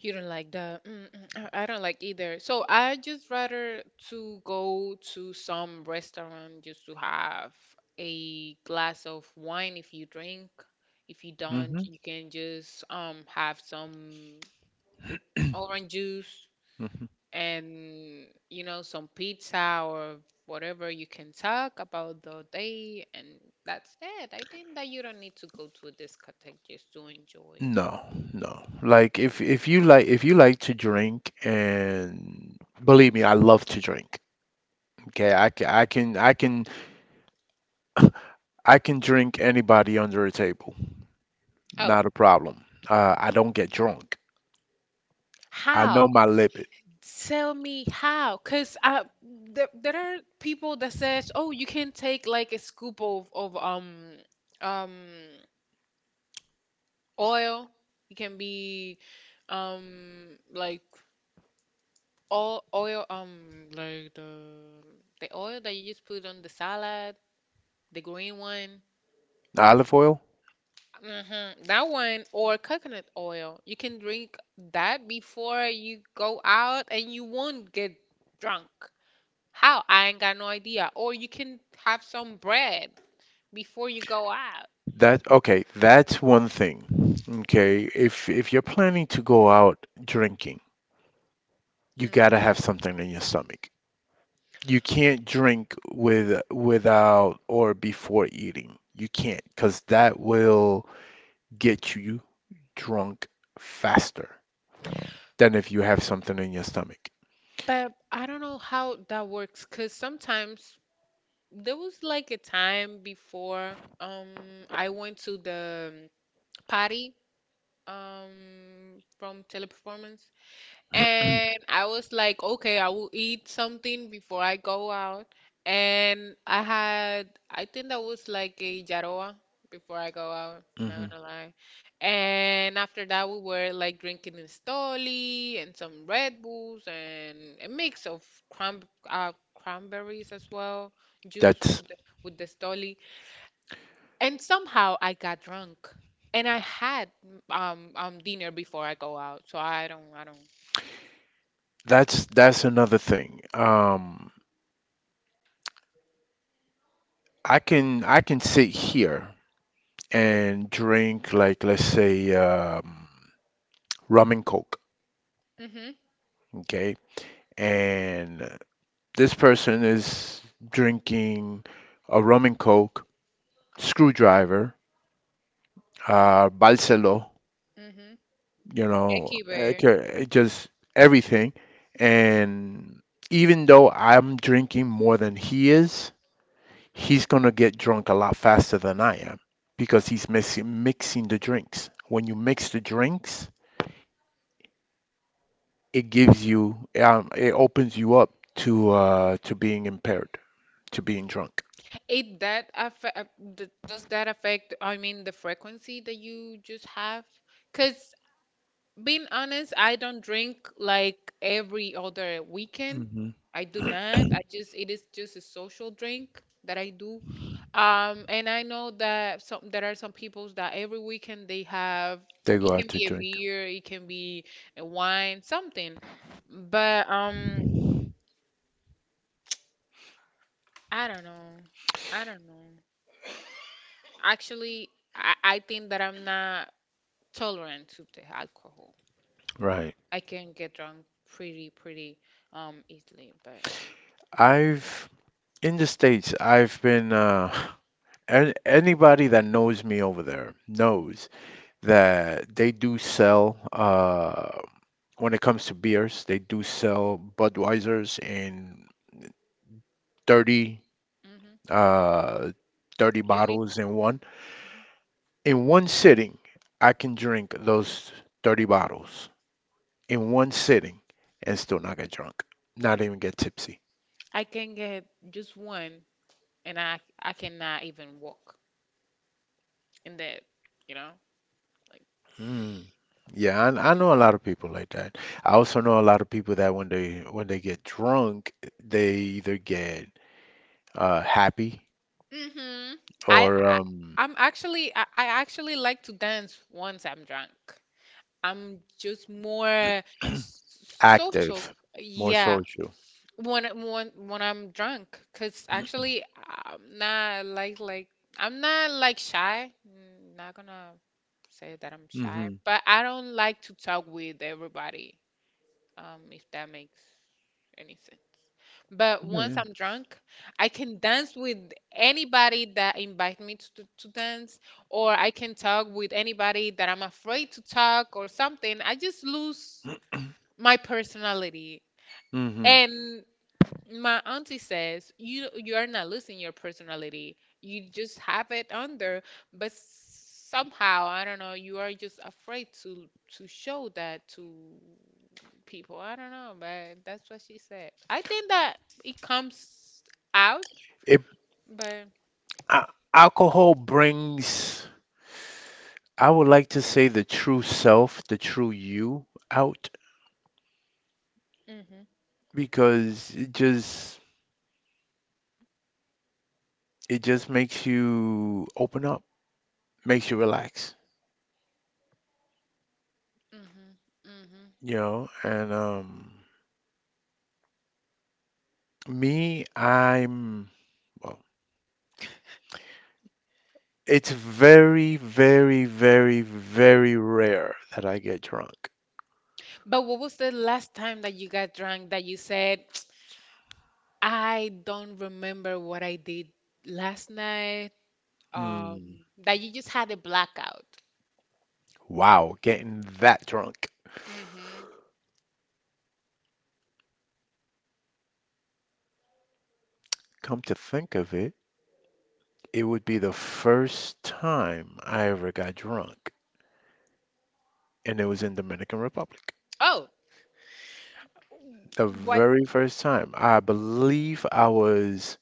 you don't like that. Mm, mm, I I don't like either. So I just rather to go to some restaurant just to have a glass of wine if you drink. If you don't, Hmm. you can just um have some orange juice Hmm. and you know some pizza or whatever. You can talk about the day and that's it. I think that you don't need to go to a discotheque just to enjoy. No, no. Like if if you like if you like to drink and believe me, I love to drink. Okay, I can I can I can I can drink anybody under a table. Oh, Not a problem. Uh, I don't get drunk. I how, know my lipid. tell me how, because I there, there are people that says, oh, you can take like a scoop of, of um um oil. It can be, um like, all oil, um like the the oil that you just put on the salad. The green one. Olive oil? Hmm. That one or coconut oil. You can drink that before you go out and you won't get drunk. How? I ain't got no idea. Or you can have some bread before you go out. That okay, that's one thing. Okay, if if you're planning to go out drinking, you Mm. gotta have something in your stomach. You can't drink with without or before eating. You can't, not cause that will get you drunk faster than if you have something in your stomach. But I don't know how that works because sometimes there was like a time before, um I went to the party um from Teleperformance. And I was like, okay, I will eat something before I go out. And I had, I think that was like a Yaroa before I go out, not Hmm. gonna lie. And after that, we were like drinking in Stoli and some Red Bulls and a mix of cran uh, cranberries as well, juice That's with the, with the Stoli. And somehow I got drunk. And I had um um dinner before I go out, so I don't I don't I don't. that's that's another thing. Um, I can I can sit here and drink like let's say um, rum and coke. Mm-hmm. Okay, and this person is drinking a rum and coke, screwdriver, uh, balselo, Mm-hmm. you know, it Everywhere. ca- it just everything. And even though I'm drinking more than he is, he's gonna get drunk a lot faster than I am because he's mixing mixing the drinks. When you mix the drinks, it gives you, um, it opens you up to uh, to being impaired, to being drunk. It that affect Does that affect, I mean, the frequency that you just have? Because being honest, I don't drink like every other weekend. Hmm. I do not. I just, it is just a social drink that I do. Um, and I know that some there are some peoples that every weekend they have, They go it out can to be a drink. beer, it can be a wine, something. But um, I don't know. I don't know. Actually, I, I think that I'm not tolerant to the alcohol. Right. I can get drunk pretty, pretty um easily, but I've In the States, I've been uh *laughs* and anybody that knows me over there knows that they do sell uh when it comes to beers, they do sell Budweisers in thirty hmm, uh thirty you need. bottles in one. In one sitting, I can drink those thirty bottles in one sitting and still not get drunk, not even get tipsy. I can get just one, and I I cannot even walk in that. You know, like, Mm. Yeah, I, I know a lot of people like that. I also know a lot of people that when they when they get drunk, they either get uh, happy hmm. I, or I um, I'm actually I, I actually like to dance once I'm drunk. I'm just more s- social. active, more Yeah, social. when when when I'm drunk, cause actually I'm not like like, I'm not like shy. Mm, not gonna say that I'm shy, Hmm. but I don't like to talk with everybody. Um, if that makes any sense. But once Yeah. I'm drunk, I can dance with anybody that invite me to, to, to dance, or I can talk with anybody that I'm afraid to talk or something. I just lose my personality. Hmm. And my auntie says you, you are not losing your personality. You just have it under, but somehow, I don't know, you are just afraid to to show that to people. I don't know, but that's what she said. I think that it comes out, It but uh, alcohol brings, I would like to say, the true self, the true you out mhm, because it just it just makes you open up, makes you relax, mhm, mhm. you know, and um. Me, I'm, well, it's very, very, very, very rare that I get drunk. But what was the last time that you got drunk that you said, *tsk* I don't remember what I did last night? Um, Hmm. that you just had a blackout. Wow, getting that drunk. Mm-hmm. Come to think of it, it would be the first time I ever got drunk, and it was in Dominican Republic. Oh, The what? very first time. I believe I was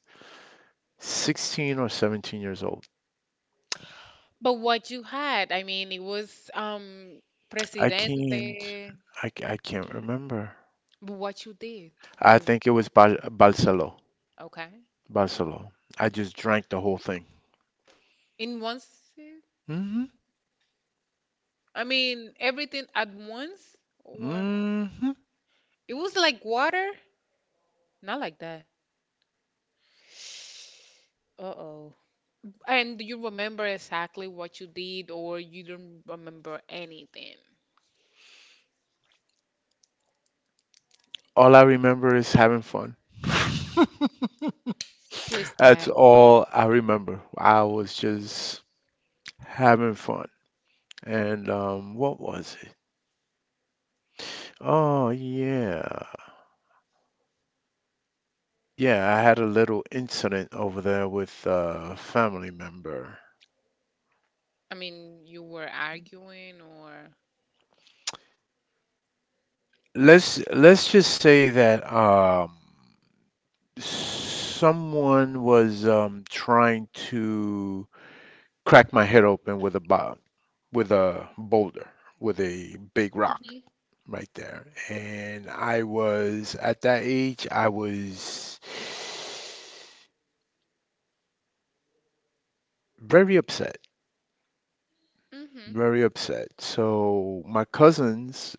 sixteen or seventeen years old. But what you had? I mean, it was um I can't, Presidente. I, ca- I can't remember. But what you did? Do I you think it remember? was Bal Balsalo. Okay. Buffalo. I just drank the whole thing. In one sip? Hmm. I mean, everything at once, or Hmm. it was like water? Not like that. *sighs* Uh-oh. And do you remember exactly what you did, or you don't remember anything? All I remember is having fun. *laughs* Just That's that. all I remember. I was just having fun. And um, what was it? Oh, yeah. Yeah, I had a little incident over there with uh, a family member. I mean, you were arguing, or. Let's let's just say that um someone was um trying to cracked my head open with a bo- with a boulder, with a big rock Mm-hmm. right there. And I was at that age, I was very upset, Mm-hmm. very upset. So my cousins,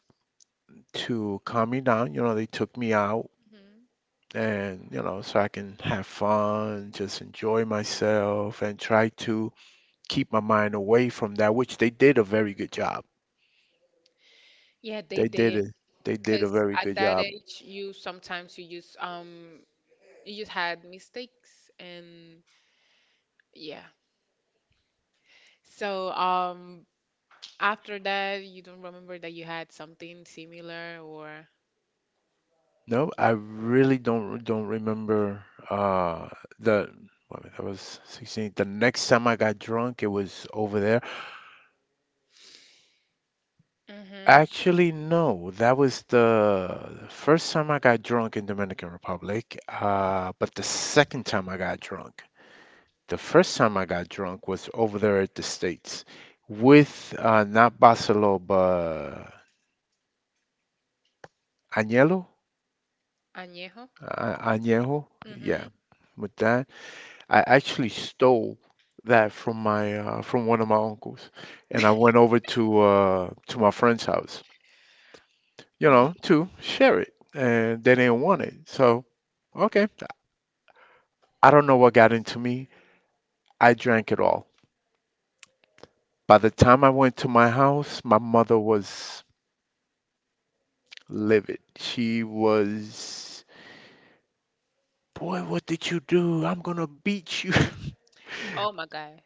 to calm me down, you know, they took me out Mhm. and you know, so I can have fun, just enjoy myself, and try to keep my mind away from that, which they did a very good job. Yeah, they They did did. it. They did a Because very at good that job. age, you sometimes you just um you just had mistakes and yeah. So um, after that, you don't remember that you had something similar or No, I really don't don't remember uh the well, I that was sixteen. The next time I got drunk, it was over there. mm-hmm. Actually, no, that was the first time I got drunk in Dominican Republic. Uh, but the second time I got drunk, The first time I got drunk was over there at the States with uh, not Barcelo, but Añelo, Añejo. uh, Añejo, yeah, Mm-hmm. with that. I actually stole that from my uh, from one of my uncles, and I went over to uh, to my friend's house, you You, know, to share it, and they didn't want it. So okay, I don't know what got into me. I drank it all. By the time I went to my house, my mother was livid. She was, boy, what did you do? I'm gonna beat you. *laughs* oh my God.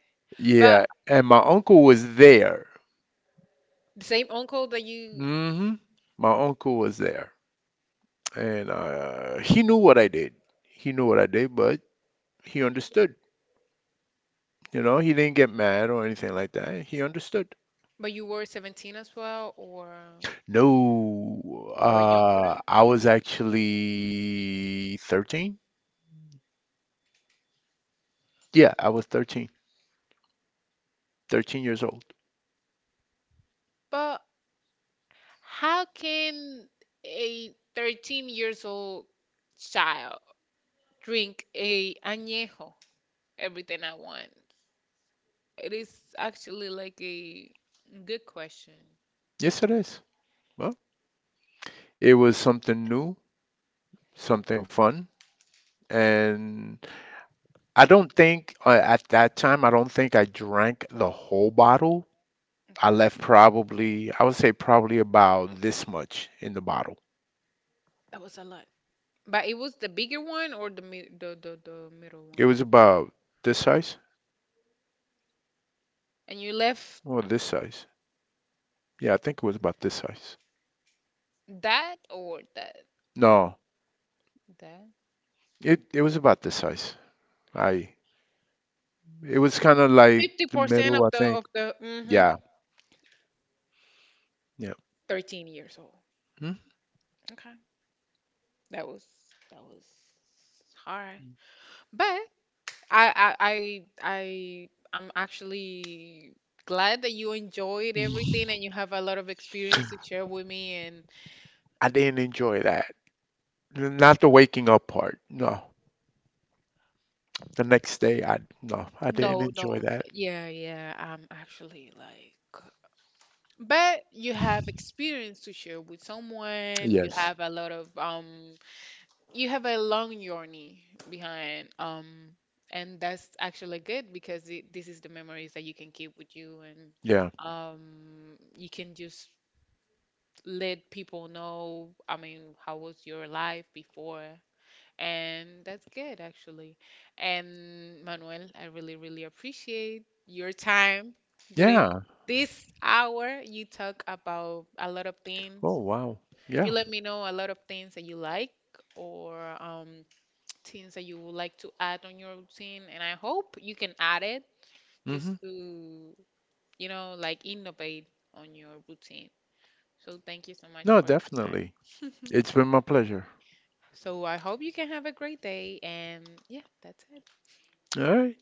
But Yeah, and my uncle was there. the same uncle that you, Hmm. My uncle was there, and uh, he knew what I did. He knew what I did, but he understood. You know, he didn't get mad or anything like that. He understood. but you were seventeen as well or No, you were younger. uh, I was actually thirteen. Yeah, I was thirteen, thirteen years old. But how can a thirteen years old child drink a añejo, everything I want? It is actually like a good question. Yes, it is. Well, it was something new, something fun. And I don't think uh, at that time, I don't think I drank the whole bottle. Okay, I left probably, I would say probably about this much in the bottle. that was a lot. But it was the bigger one or the mi the, the the middle It was one? about this size And you left or this size. Yeah, I think it was about this size. that or that No, that? it it was about this size. I it was kind of like the fifty percent of middle, I the think. of the mm-hmm, Yeah, yeah. thirteen years old. Hmm? *laughs* Okay. That was that was hard. But I I I I I'm actually glad that you enjoyed everything and you have a lot of experience to share with me. And I didn't enjoy that. Not the waking up part. No. The next day, I no, I didn't no, enjoy no, that. yeah, yeah, I'm actually like, but you have experience to share with someone. You Yes. have a lot of um, you have a long journey behind um, and that's actually good because it, this is the memories that you can keep with you Yeah. and um, you can just let people know, I mean, how was your life before. And that's good, actually. And Manuel, I really, really appreciate your time during Yeah. this hour. You talk about a lot of things. Oh, wow. Yeah. You let me know a lot of things that you like or um, things that you would like to add on your routine. And I hope you can add it Hmm. just to, you know, like innovate on your routine. So thank you so much No, for your time. definitely. *laughs* It's been my pleasure. So I hope you can have a great day. And yeah, that's it. All right.